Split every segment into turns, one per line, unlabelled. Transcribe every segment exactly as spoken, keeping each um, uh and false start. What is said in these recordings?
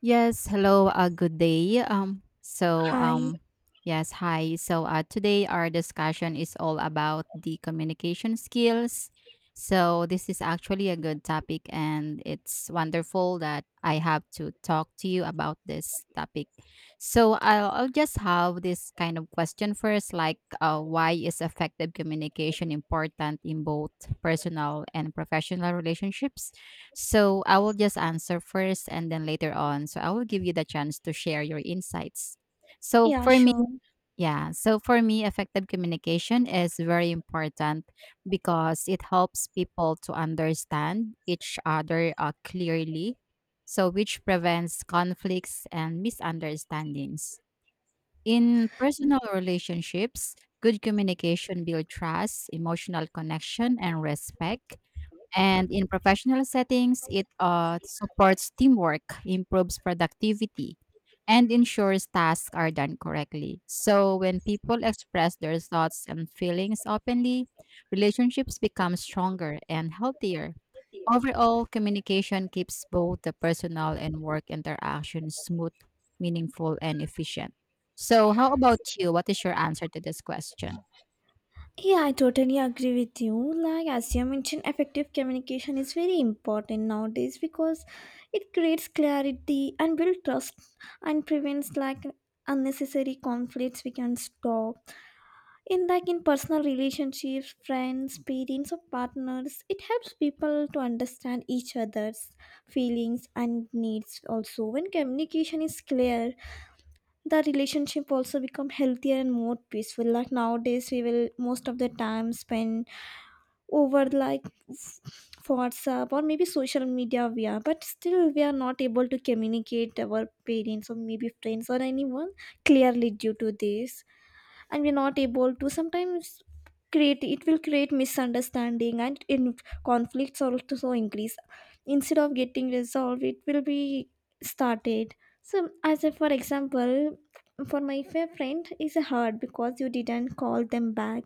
Yes, hello, uh, good day. Um, so,
Hi.
um, yes, hi. So, uh, today our discussion is all about the communication skills. So, this is actually a good topic, and it's wonderful that I have to talk to you about this topic. So, I'll, I'll just have this kind of question first, like, uh, why is effective communication important in both personal and professional relationships? So I will just answer first and then later on. So I will give you the chance to share your insights. So
Yeah,
for me,
sure.
yeah, so for me, effective communication is very important because it helps people to understand each other uh, clearly. So, which prevents conflicts and misunderstandings. In personal relationships, good communication builds trust, emotional connection, and respect and in professional settings, it uh, supports teamwork, improves productivity, and ensures tasks are done correctly. So when people express their thoughts and feelings openly, relationships become stronger and healthier. Overall, communication keeps both the personal and work interactions smooth, meaningful, and efficient. So, how about you? What is your answer to this question?
Yeah, I totally agree with you. Like, as you mentioned, effective communication is very important nowadays because it creates clarity and builds trust and prevents like unnecessary conflicts we can stop. In like in personal relationships, friends, parents or partners, it helps people to understand each other's feelings and needs also. When communication is clear, the relationship also become healthier and more peaceful. Like, nowadays we will most of the time spend over like f- WhatsApp or maybe social media, we are, but still we are not able to communicate our parents or maybe friends or anyone clearly due to this, and we're not able to sometimes create, it will create misunderstanding, and in conflicts also, so increase instead of getting resolved, it will be started. So as a for example, for my fair friend is hard because you didn't call them back.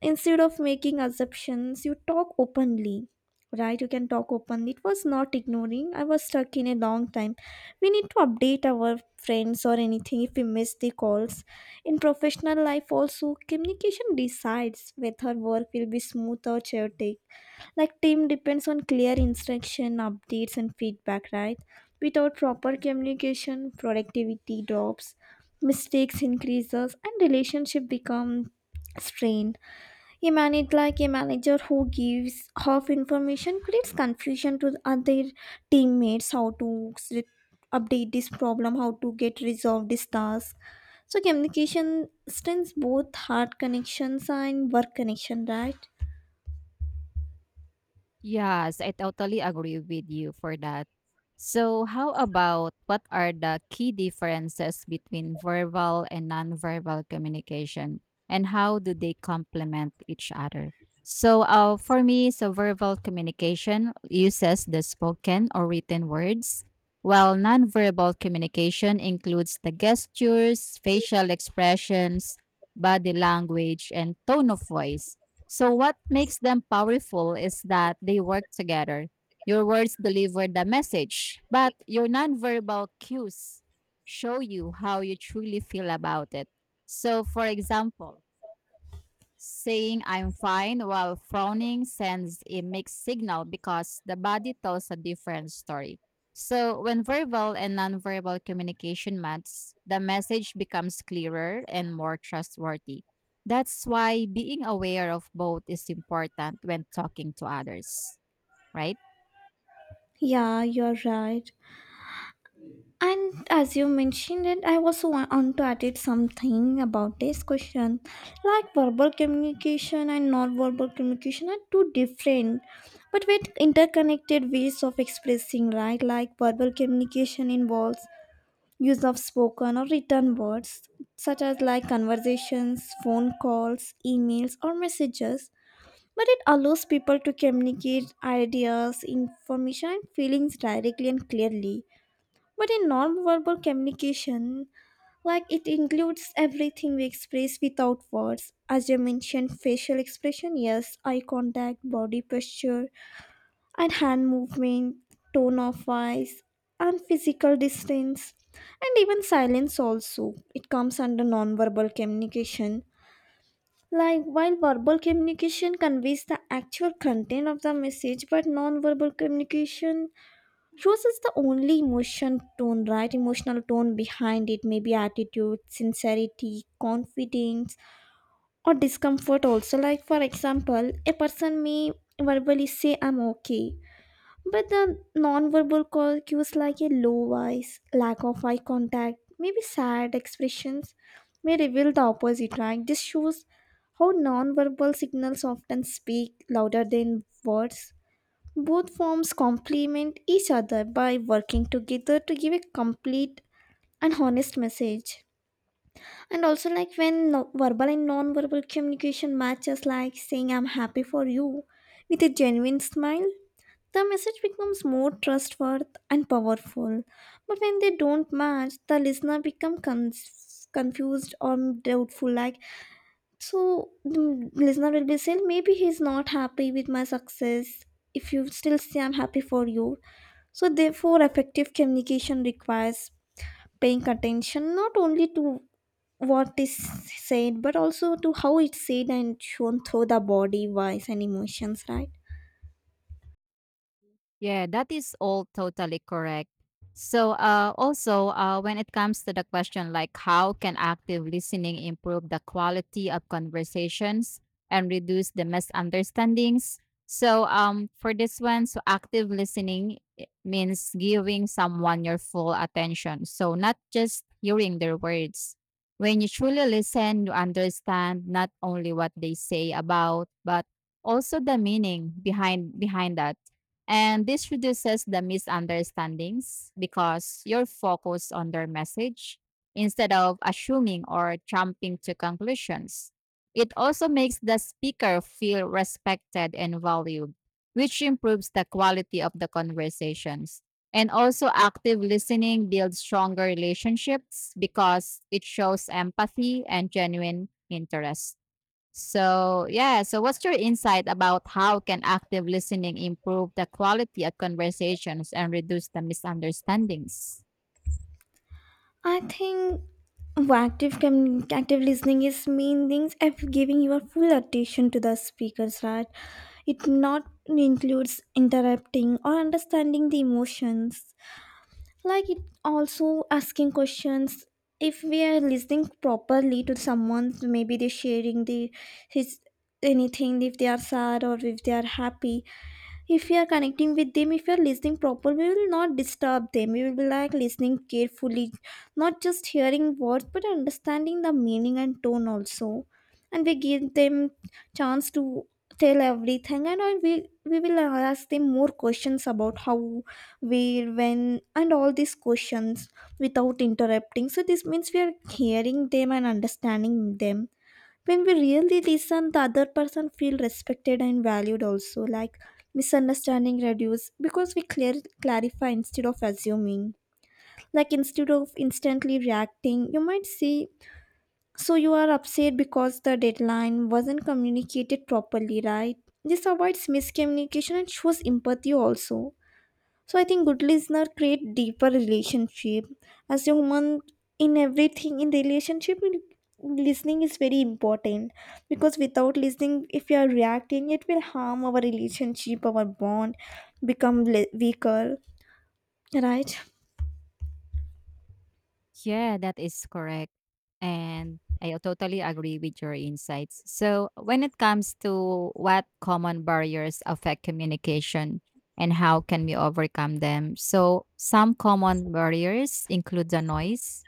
Instead of making assumptions, you talk openly, right? You can talk openly. It was not ignoring. I was stuck in a long time. We need to update our friends or anything if we miss the calls. In professional life, also, communication decides whether work will be smooth or chaotic. Like, team depends on clear instruction, updates, and feedback, right? Without proper communication, productivity drops, mistakes increases, and relationship become strained. A manager, like a manager who gives half information creates confusion to the other teammates how to s- update this problem, how to get resolved this task. So communication strengthens both heart connections and work connection, right?
Yes, I totally agree with you for that. So, how about what are the key differences between verbal and nonverbal communication, and how do they complement each other? So, uh, for me, so verbal communication uses the spoken or written words, while nonverbal communication includes the gestures, facial expressions, body language, and tone of voice. So what makes them powerful is that they work together. Your words deliver the message, but your nonverbal cues show you how you truly feel about it. So, for example, saying I'm fine while frowning sends a mixed signal because the body tells a different story. So, when verbal and nonverbal communication match, the message becomes clearer and more trustworthy. That's why being aware of both is important when talking to others, right?
Yeah, you're right. And as you mentioned it, I also wa- want to add it something about this question. Like, verbal communication and non-verbal communication are two different, but with interconnected ways of expressing, right? Like, verbal communication involves use of spoken or written words, such as like conversations, phone calls, emails, or messages. But it allows people to communicate ideas, information, and feelings directly and clearly, but in non-verbal communication, like it includes everything we express without words. As I mentioned, facial expression, yes, eye contact, body posture, and hand movement, tone of voice, and physical distance, and even silence also. It comes under non-verbal communication. Like, while verbal communication conveys the actual content of the message, but non-verbal communication Rose is the only emotion tone, right? Emotional tone behind it, maybe attitude, sincerity, confidence, or discomfort. Also, like for example, a person may verbally say "I'm okay," but the non-verbal call cues like a low voice, lack of eye contact, maybe sad expressions may reveal the opposite. Right? This shows how non-verbal signals often speak louder than words. Both forms complement each other by working together to give a complete and honest message. And also, like when no- verbal and non verbal communication matches, like saying, I'm happy for you with a genuine smile, the message becomes more trustworthy and powerful. But when they don't match, the listener becomes confused or doubtful, like, so the listener will be saying, maybe he's not happy with my success. If you still say, I'm happy for you, so, therefore, effective communication requires paying attention not only to what is said but also to how it's said and shown through the body, voice, and emotions, right?
Yeah, that is all totally correct. So, uh, also, uh, when it comes to the question like how can active listening improve the quality of conversations and reduce the misunderstandings? So, um, for this one, so active listening i- means giving someone your full attention. So, not just hearing their words. When you truly listen, you understand not only what they say about, but also the meaning behind behind that and this reduces the misunderstandings because you're focused on their message instead of assuming or jumping to conclusions. It also makes the speaker feel respected and valued, which improves the quality of the conversations. And also, active listening builds stronger relationships because it shows empathy and genuine interest. So, yeah, so what's your insight about how can active listening improve the quality of conversations and reduce the misunderstandings?
I think active commu- active listening is main things of giving your full attention to the speakers, right? It not includes interrupting or understanding the emotions, like it also asking questions. If we are listening properly to someone, maybe they're sharing the his anything, if they are sad or if they are happy, if we are connecting with them, if we are listening proper, we will not disturb them. We will be like listening carefully, not just hearing words but understanding the meaning and tone also, and we give them chance to tell everything, and I- we we will ask them more questions about how, where, when, and all these questions without interrupting. So this means we are hearing them and understanding them. When we really listen, the other person feel respected and valued also. Like misunderstanding reduce because we clear clarify instead of assuming. Like, instead of instantly reacting, you might say, so you are upset because the deadline wasn't communicated properly, right? This avoids miscommunication and shows empathy also. So I think good listener create deeper relationship. As a human, in everything, in relationship, listening is very important, because without listening, if you are reacting, it will harm our relationship. Our bond become le- weaker, right?
Yeah, that is correct. And I totally agree with your insights. So, when it comes to what common barriers affect communication and how can we overcome them? So, some common barriers include the noise,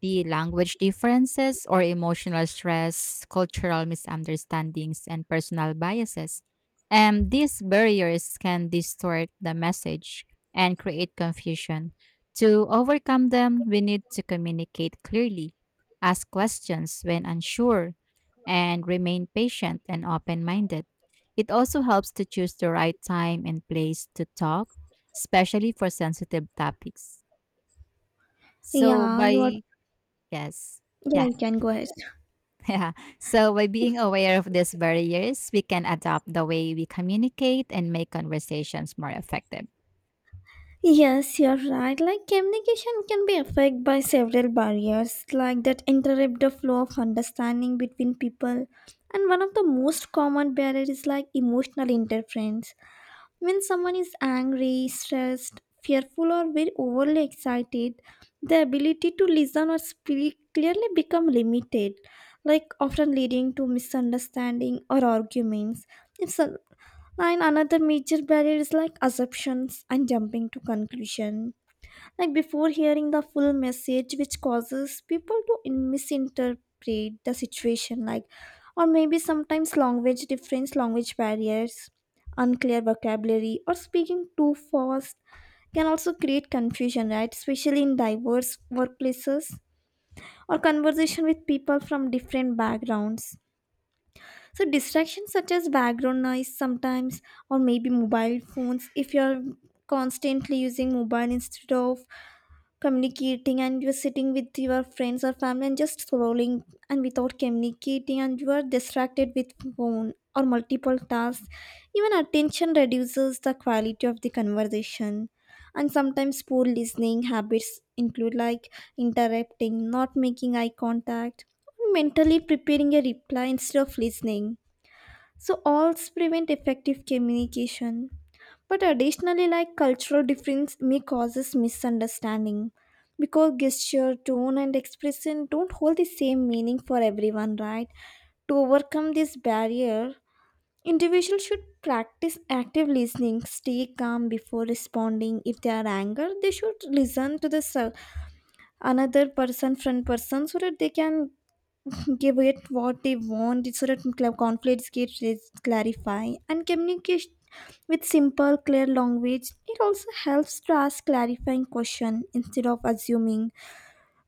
the language differences or emotional stress, cultural misunderstandings, and personal biases. And these barriers can distort the message and create confusion. To overcome them, we need to communicate clearly, ask questions when unsure, and remain patient and open minded. It also helps to choose the right time and place to talk, especially for sensitive topics. So,
Yeah, you are,
by yes,
yeah,
yeah.
you can go ahead.
Yeah. So, by being aware of these barriers, we can adapt the way we communicate and make conversations more effective.
Yes, you're right. Like, communication can be affected by several barriers, like that interrupt the flow of understanding between people. And one of the most common barrier is like emotional interference. When someone is angry, stressed, fearful, or very overly excited, the ability to listen or speak clearly become limited, like often leading to misunderstanding or arguments. It's a, and another major barrier is like assumptions and jumping to conclusion, like before hearing the full message, which causes people to in- misinterpret the situation. Like, or maybe sometimes language difference, language barriers, unclear vocabulary or speaking too fast can also create confusion, right? Especially in diverse workplaces or conversation with people from different backgrounds. So distractions such as background noise sometimes, or maybe mobile phones, if you're constantly using mobile instead of communicating, and you're sitting with your friends or family and just scrolling and without communicating, and you are distracted with phone or multiple tasks, even attention reduces the quality of the conversation. And sometimes poor listening habits include like interrupting, not making eye contact, mentally preparing a reply instead of listening. So alls prevent effective communication. But additionally, like cultural difference may causes misunderstanding, because gesture, tone, and expression don't hold the same meaning for everyone, right? To overcome this barrier, individuals should practice active listening, stay calm before responding. If they are angry, they should listen to the sur- another person, front person, so that they can give it what they want, so that cl- conflicts get res- clarified, and communication with simple clear language. It also helps to ask clarifying question instead of assuming.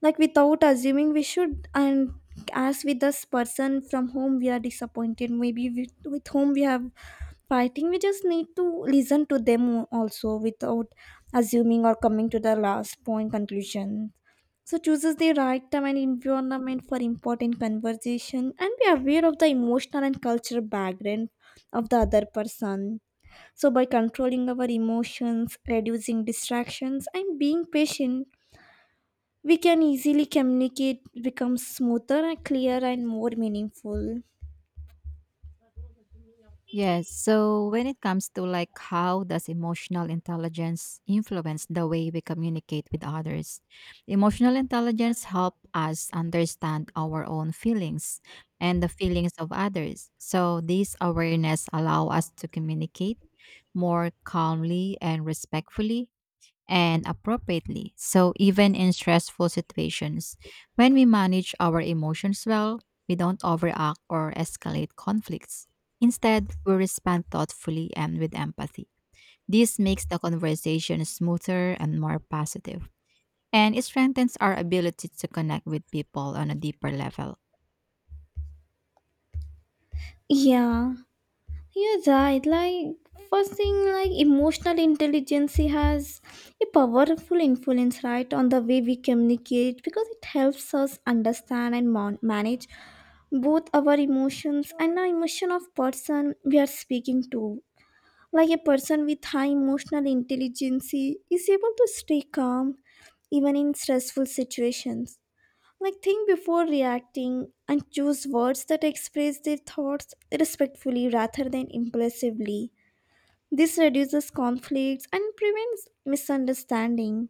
Like, without assuming we should, and as with this person from whom we are disappointed, maybe with, with whom we have fighting, we just need to listen to them also without assuming or coming to the last point conclusion. So chooses the right time and environment for important conversation and be aware of the emotional and cultural background of the other person. So by controlling our emotions, reducing distractions, and being patient, we can easily communicate, becomes smoother and clearer and more meaningful.
Yes. So when it comes to like how does emotional intelligence influence the way we communicate with others? Emotional intelligence help us understand our own feelings and the feelings of others. So this awareness allow us to communicate more calmly and respectfully and appropriately. So, even in stressful situations, when we manage our emotions well, we don't overact or escalate conflicts. Instead, we respond thoughtfully and with empathy. This makes the conversation smoother and more positive, and it strengthens our ability to connect with people on a deeper level.
Yeah, you're right. Like, first thing, like emotional intelligence has a powerful influence, right, on the way we communicate, because it helps us understand and mon- manage both our emotions and the emotion of person we are speaking to. Like, a person with high emotional intelligence is able to stay calm even in stressful situations. Like, think before reacting and choose words that express their thoughts respectfully rather than impulsively. This reduces conflicts and prevents misunderstanding.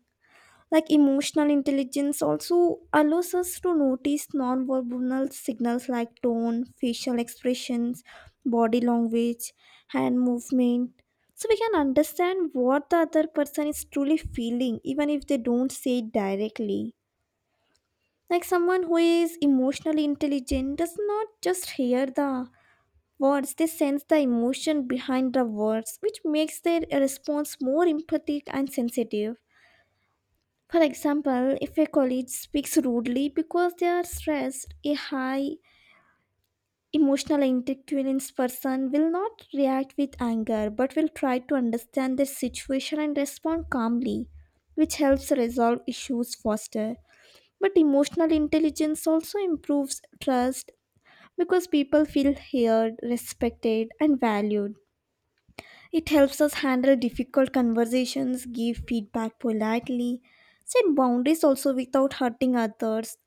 Like, emotional intelligence also allows us to notice nonverbal signals like tone, facial expressions, body language, hand movement. So, we can understand what the other person is truly feeling, even if they don't say it directly. Like, someone who is emotionally intelligent does not just hear the words, they sense the emotion behind the words, which makes their response more empathic and sensitive. For example, if a colleague speaks rudely because they are stressed, a high emotional intelligence person will not react with anger but will try to understand the situation and respond calmly, which helps resolve issues faster. But emotional intelligence also improves trust, because people feel heard, respected, and valued. It helps us handle difficult conversations, give feedback politely, set boundaries also without hurting others,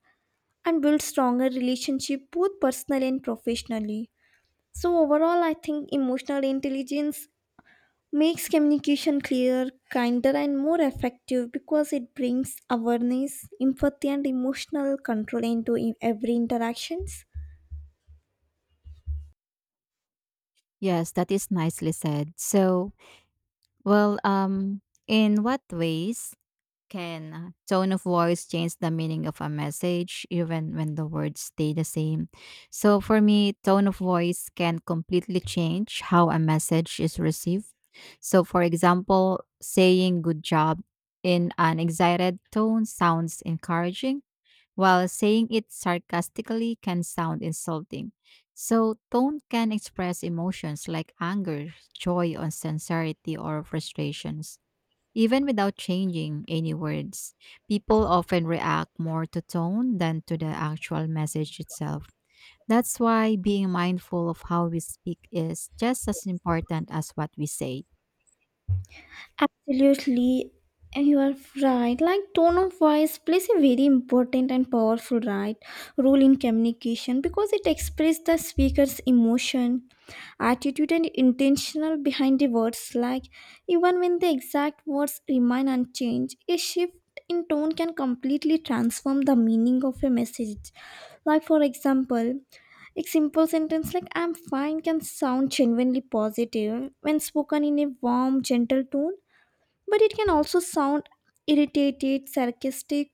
and build stronger relationship both personally and professionally. So overall, I think emotional intelligence makes communication clearer, kinder, and more effective because it brings awareness, empathy, and emotional control into e- every interactions.
Yes, that is nicely said. So, well, um, in what ways can uh, tone of voice change the meaning of a message even when the words stay the same? So for me, tone of voice can completely change how a message is received. So for example, saying good job in an excited tone sounds encouraging, while saying it sarcastically can sound insulting. So tone can express emotions like anger, joy, or sincerity or frustrations even without changing any words. People often react more to tone than to the actual message itself. That's why being mindful of how we speak is just as important as what we say.
Absolutely, you are right. Like, tone of voice plays a very important and powerful, right, role in communication because it expresses the speaker's emotion, attitude, and intentional behind the words. Like, even when the exact words remain unchanged, a shift in tone can completely transform the meaning of a message. Like for example, a simple sentence like "I'm fine" can sound genuinely positive when spoken in a warm, gentle tone, but it can also sound irritated, sarcastic,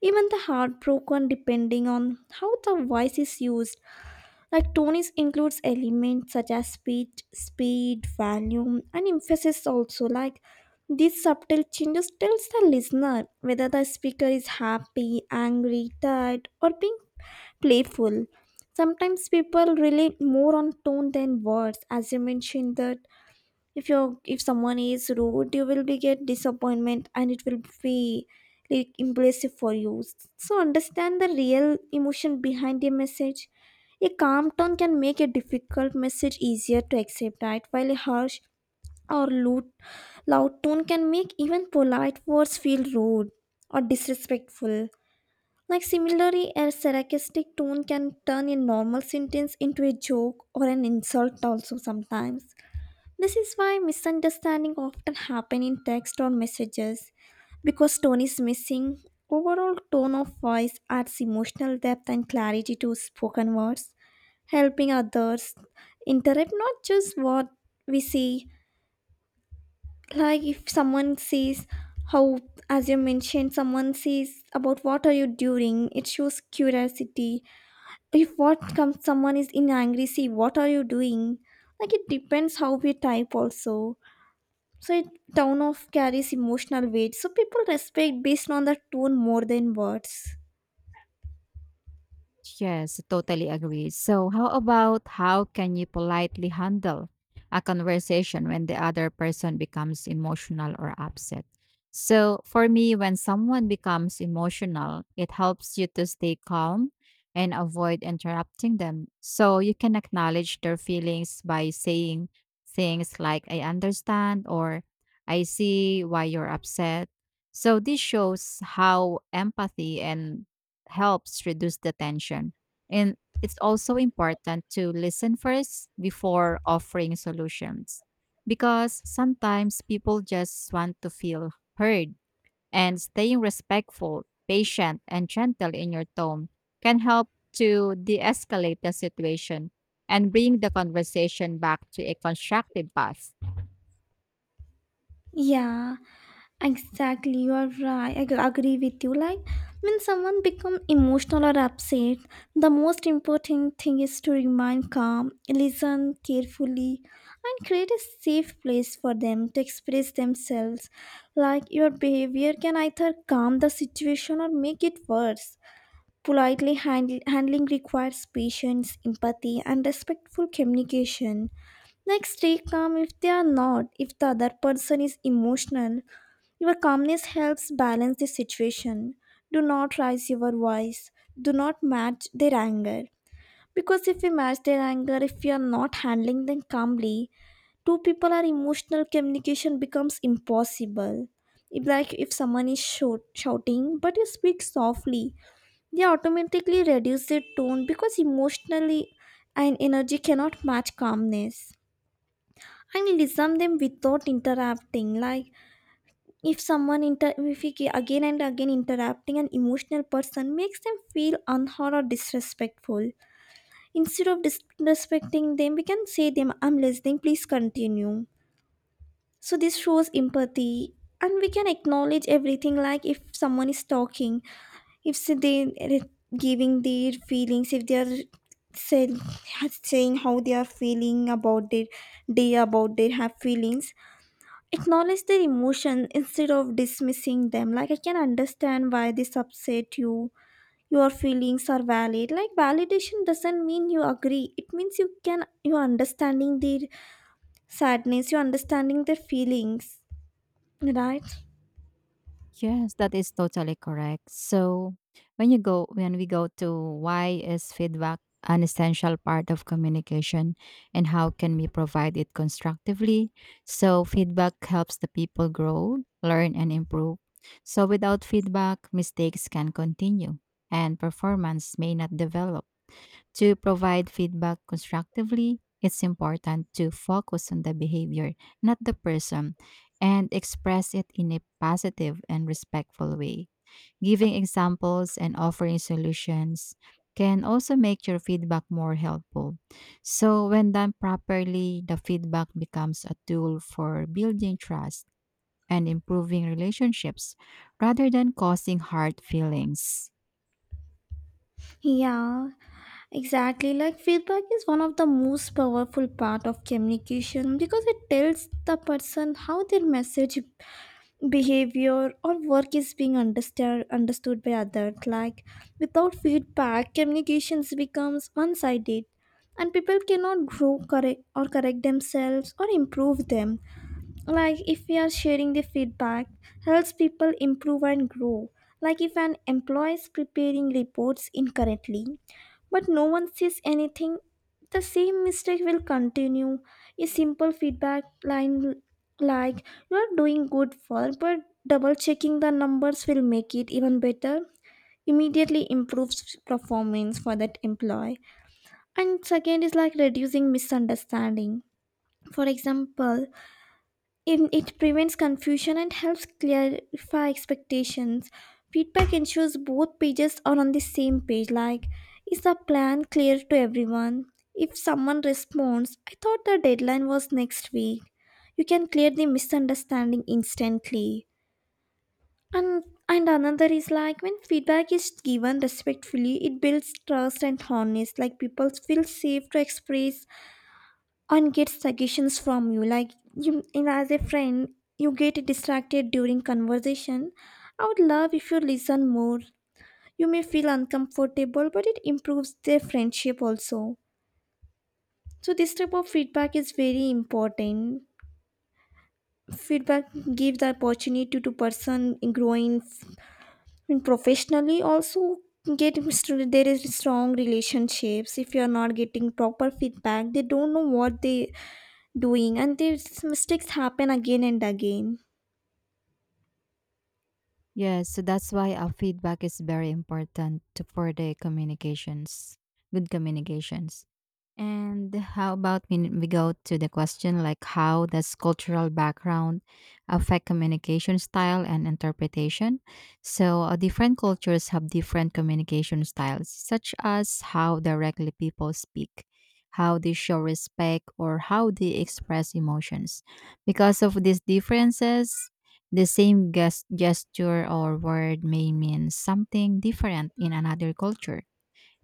even the heartbroken depending on how the voice is used. Like, tones includes elements such as pitch, speed, volume, and emphasis also. Like, these subtle changes tells the listener whether the speaker is happy, angry, tired, or being playful. Sometimes people rely more on tone than words, as you mentioned that if you if someone is rude you will be get disappointment and it will be like impressive for you so understand the real emotion behind a message. A calm tone can make a difficult message easier to accept, right, while a harsh or loud, loud tone can make even polite words feel rude or disrespectful. Like similarly, a sarcastic tone can turn a normal sentence into a joke or an insult also. Sometimes this is why misunderstanding often happen in text or messages because tone is missing. Overall, tone of voice adds emotional depth and clarity to spoken words, helping others interpret not just what we see. Like if someone says how, as you mentioned, someone says about what are you doing, it shows curiosity. If what comes someone is in angry, see what are you doing? Like it depends how we type also. So it town of carries emotional weight, so people respect based on the tone more than words.
Yes, totally agree. So, how about how can you politely handle a conversation when the other person becomes emotional or upset? So, for me, when someone becomes emotional, it helps you to stay calm and avoid interrupting them. So, you can acknowledge their feelings by saying things like, I understand, or I see why you're upset. So, this shows how empathy and helps reduce the tension. And it's also important to listen first before offering solutions because sometimes people just want to feel heard and staying respectful, patient, and gentle in your tone can help to de escalate the situation and bring the conversation back to a constructive path.
Yeah, exactly, you are right. I g- agree with you. Like when someone become emotional or upset, the most important thing is to remain calm, listen carefully, and create a safe place for them to express themselves. Like your behavior can either calm the situation or make it worse. Politely hand- handling requires patience, empathy, and respectful communication. Next, stay calm if they are not, if the other person is emotional. Your calmness helps balance the situation. Do not raise your voice. Do not match their anger. Because if we match their anger, if we are not handling them calmly, two people are emotional, communication becomes impossible. If like if someone is shout, shouting, but you speak softly, they automatically reduce their tone because emotionally and energy cannot match calmness. And listen them without interrupting. Like if someone inter if we ge- again and again interrupting an emotional person makes them feel unheard or disrespectful. Instead of disrespecting them, we can say them, I'm listening, please continue. So this shows empathy, and we can acknowledge everything. Like if someone is talking, if s- they are giving their feelings, if they are say- saying how they are feeling about their day, about their have feelings, acknowledge their emotion instead of dismissing them. Like I can understand why this upset you, your feelings are valid. Like validation doesn't mean you agree, it means you can you are understanding their sadness, you're understanding their feelings, right?
Yes, that is totally correct. So, when you go when we go to why is feedback an essential part of communication and how can we provide it constructively? So, feedback helps the people grow, learn and improve. So, without feedback, mistakes can continue and performance may not develop. To provide feedback constructively, it's important to focus on the behavior, not the person, and express it in a positive and respectful way. Giving examples and offering solutions can also make your feedback more helpful. So, when done properly, the feedback becomes a tool for building trust and improving relationships rather than causing hard feelings.
Yeah, exactly, like feedback is one of the most powerful part of communication because it tells the person how their message, behavior, or work is being understood understood by others. Like without feedback, communications becomes one-sided, and people cannot grow, correct or correct themselves or improve them. Like if we are sharing, the feedback helps people improve and grow. Like if an employee is preparing reports incorrectly but no one says anything, the same mistake will continue. A simple feedback line like, you are doing good work but double checking the numbers will make it even better, immediately improves performance for that employee. And second is like reducing misunderstanding. For example, it, it prevents confusion and helps clarify expectations. Feedback ensures both pages are on the same page, like, is the plan clear to everyone? If someone responds, I thought the deadline was next week, you can clear the misunderstanding instantly. And, and another is like when feedback is given respectfully, it builds trust and honest. Like people feel safe to express and get suggestions from you. Like you and as a friend, you get distracted during conversation, I would love if you listen more. You may feel uncomfortable but it improves their friendship also. So this type of feedback is very important. Feedback gives the opportunity to person in growing, in professionally also. Get str- there is strong relationships. If you are not getting proper feedback, they don't know what they doing and these mistakes happen again and again.
Yes, so that's why our feedback is very important to, for the communications, good communications. And how about we, we go to the question like how does cultural background affect communication style and interpretation? So uh, different cultures have different communication styles, such as how directly people speak, how they show respect, or how they express emotions. Because of these differences, the same ges- gesture or word may mean something different in another culture,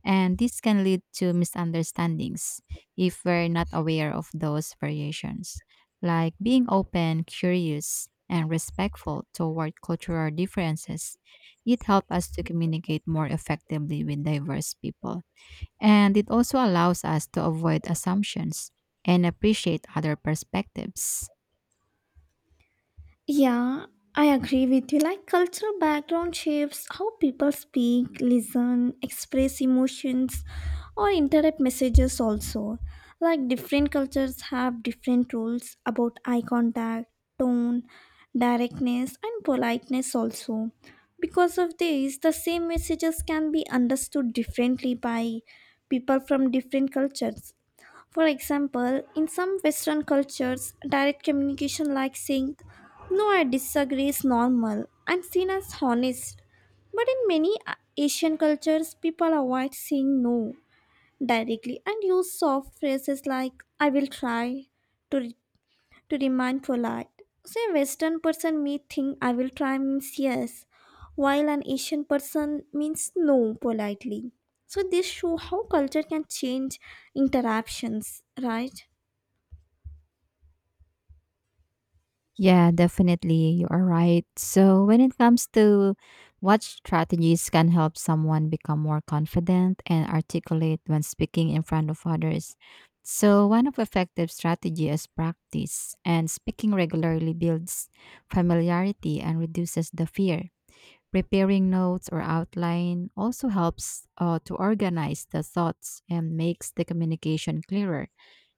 and this can lead to misunderstandings if we're not aware of those variations. Like being open, curious, and respectful toward cultural differences, it helps us to communicate more effectively with diverse people. And it also allows us to avoid assumptions and appreciate other perspectives.
Yeah, I agree with you. Like cultural background shapes how people speak, listen, express emotions, or interpret messages also. Like different cultures have different rules about eye contact, tone, directness, and politeness also. Because of this, the same messages can be understood differently by people from different cultures. For example, in some Western cultures, direct communication like saying, no, I disagree, is normal and seen as honest. But in many uh, Asian cultures, people avoid saying no directly and use soft phrases like, I will try to to demand for light. So a Western person may think I will try means yes, while an Asian person means no politely. So this show how culture can change interactions, right?
Yeah, definitely. You are right. So, when it comes to what strategies can help someone become more confident and articulate when speaking in front of others. So, one of effective strategy is practice, and speaking regularly builds familiarity and reduces the fear. Preparing notes or outline also helps uh, to organize the thoughts and makes the communication clearer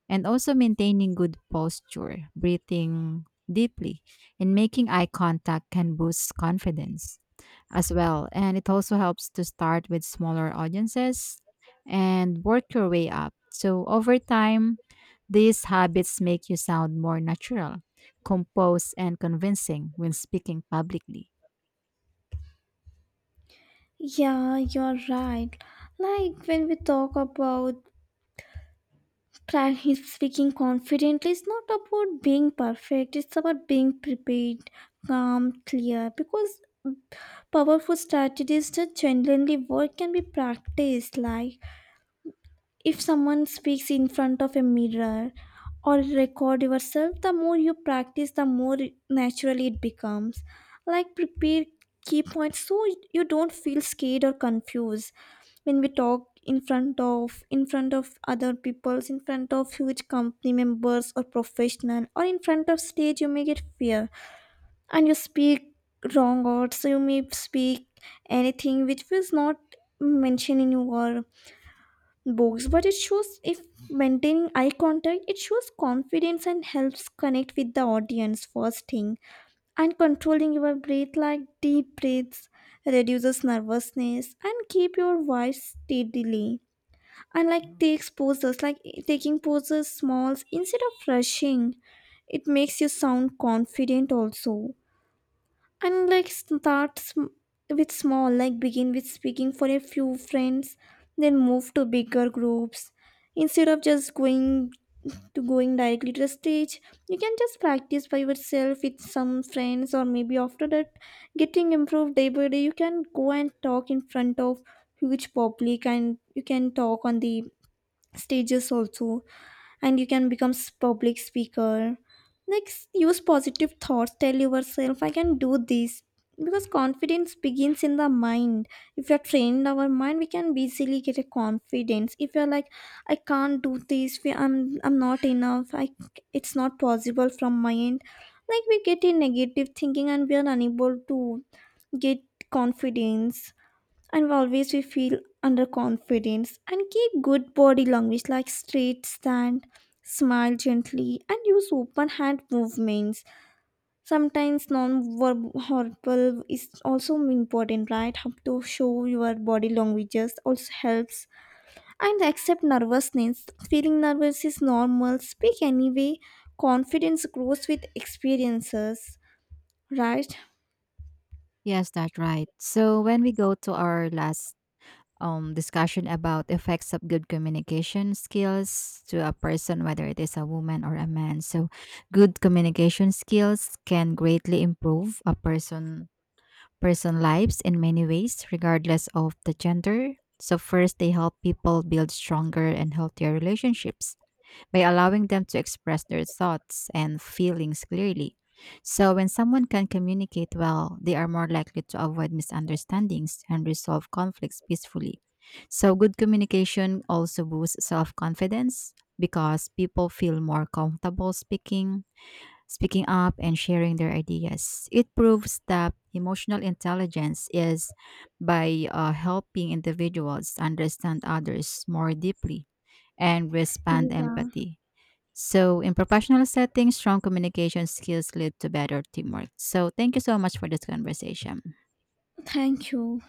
and also maintaining good posture, breathing deeply, and making eye contact can boost confidence as well. And it also helps to start with smaller audiences and work your way up. So over time, these habits make you sound more natural, composed, and convincing when speaking publicly.
Yeah, you're right. Like when we talk about practice speaking confidently, it's not about being perfect, it's about being prepared, calm, clear. Because powerful strategies that genuinely work can be practiced, like if someone speaks in front of a mirror or record yourself, the more you practice, the more naturally it becomes. Like prepare key points so you don't feel scared or confused when we talk in front of in front of other peoples, in front of huge company members or professional or in front of stage, you may get fear and you speak wrong words, so you may speak anything which was not mentioned in your books. But it shows if maintaining eye contact, it shows confidence and helps connect with the audience first thing. And controlling your breath, like deep breaths reduces nervousness and keep your voice steadily. And like takes poses, like taking poses smalls instead of rushing, it makes you sound confident also. And like start sm- with small, like begin with speaking for a few friends, then move to bigger groups instead of just going to going directly to the stage. You can just practice by yourself with some friends, or maybe after that getting improved day by day, you can go and talk in front of huge public and you can talk on the stages also, and you can become s- public speaker. Like s- use positive thoughts, tell yourself I can do this, because confidence begins in the mind. If you're trained our mind, we can easily get a confidence. If you're like, I can't do this, we- I'm i'm not enough, I it's not possible from my end, like we get a negative thinking and we are unable to get confidence, and always we feel underconfidence. And keep good body language, like straight stand, smile gently, and use open hand movements. Sometimes non-verbal is also important, right? How to show your body languages also helps. And accept nervousness, feeling nervous is normal, speak anyway. Confidence grows with experiences, right?
Yes, that's right. So when we go to our last um, discussion about effects of good communication skills to a person, whether it is a woman or a man. So, good communication skills can greatly improve a person person lives in many ways, regardless of the gender. So first, they help people build stronger and healthier relationships by allowing them to express their thoughts and feelings clearly. So, when someone can communicate well, they are more likely to avoid misunderstandings and resolve conflicts peacefully. So, good communication also boosts self confidence because people feel more comfortable speaking, speaking up, and sharing their ideas. It proves that emotional intelligence is by uh, helping individuals understand others more deeply and respond
Yeah,
empathy. So, in professional settings, strong communication skills lead to better teamwork. So, thank you so much for this conversation.
thank you.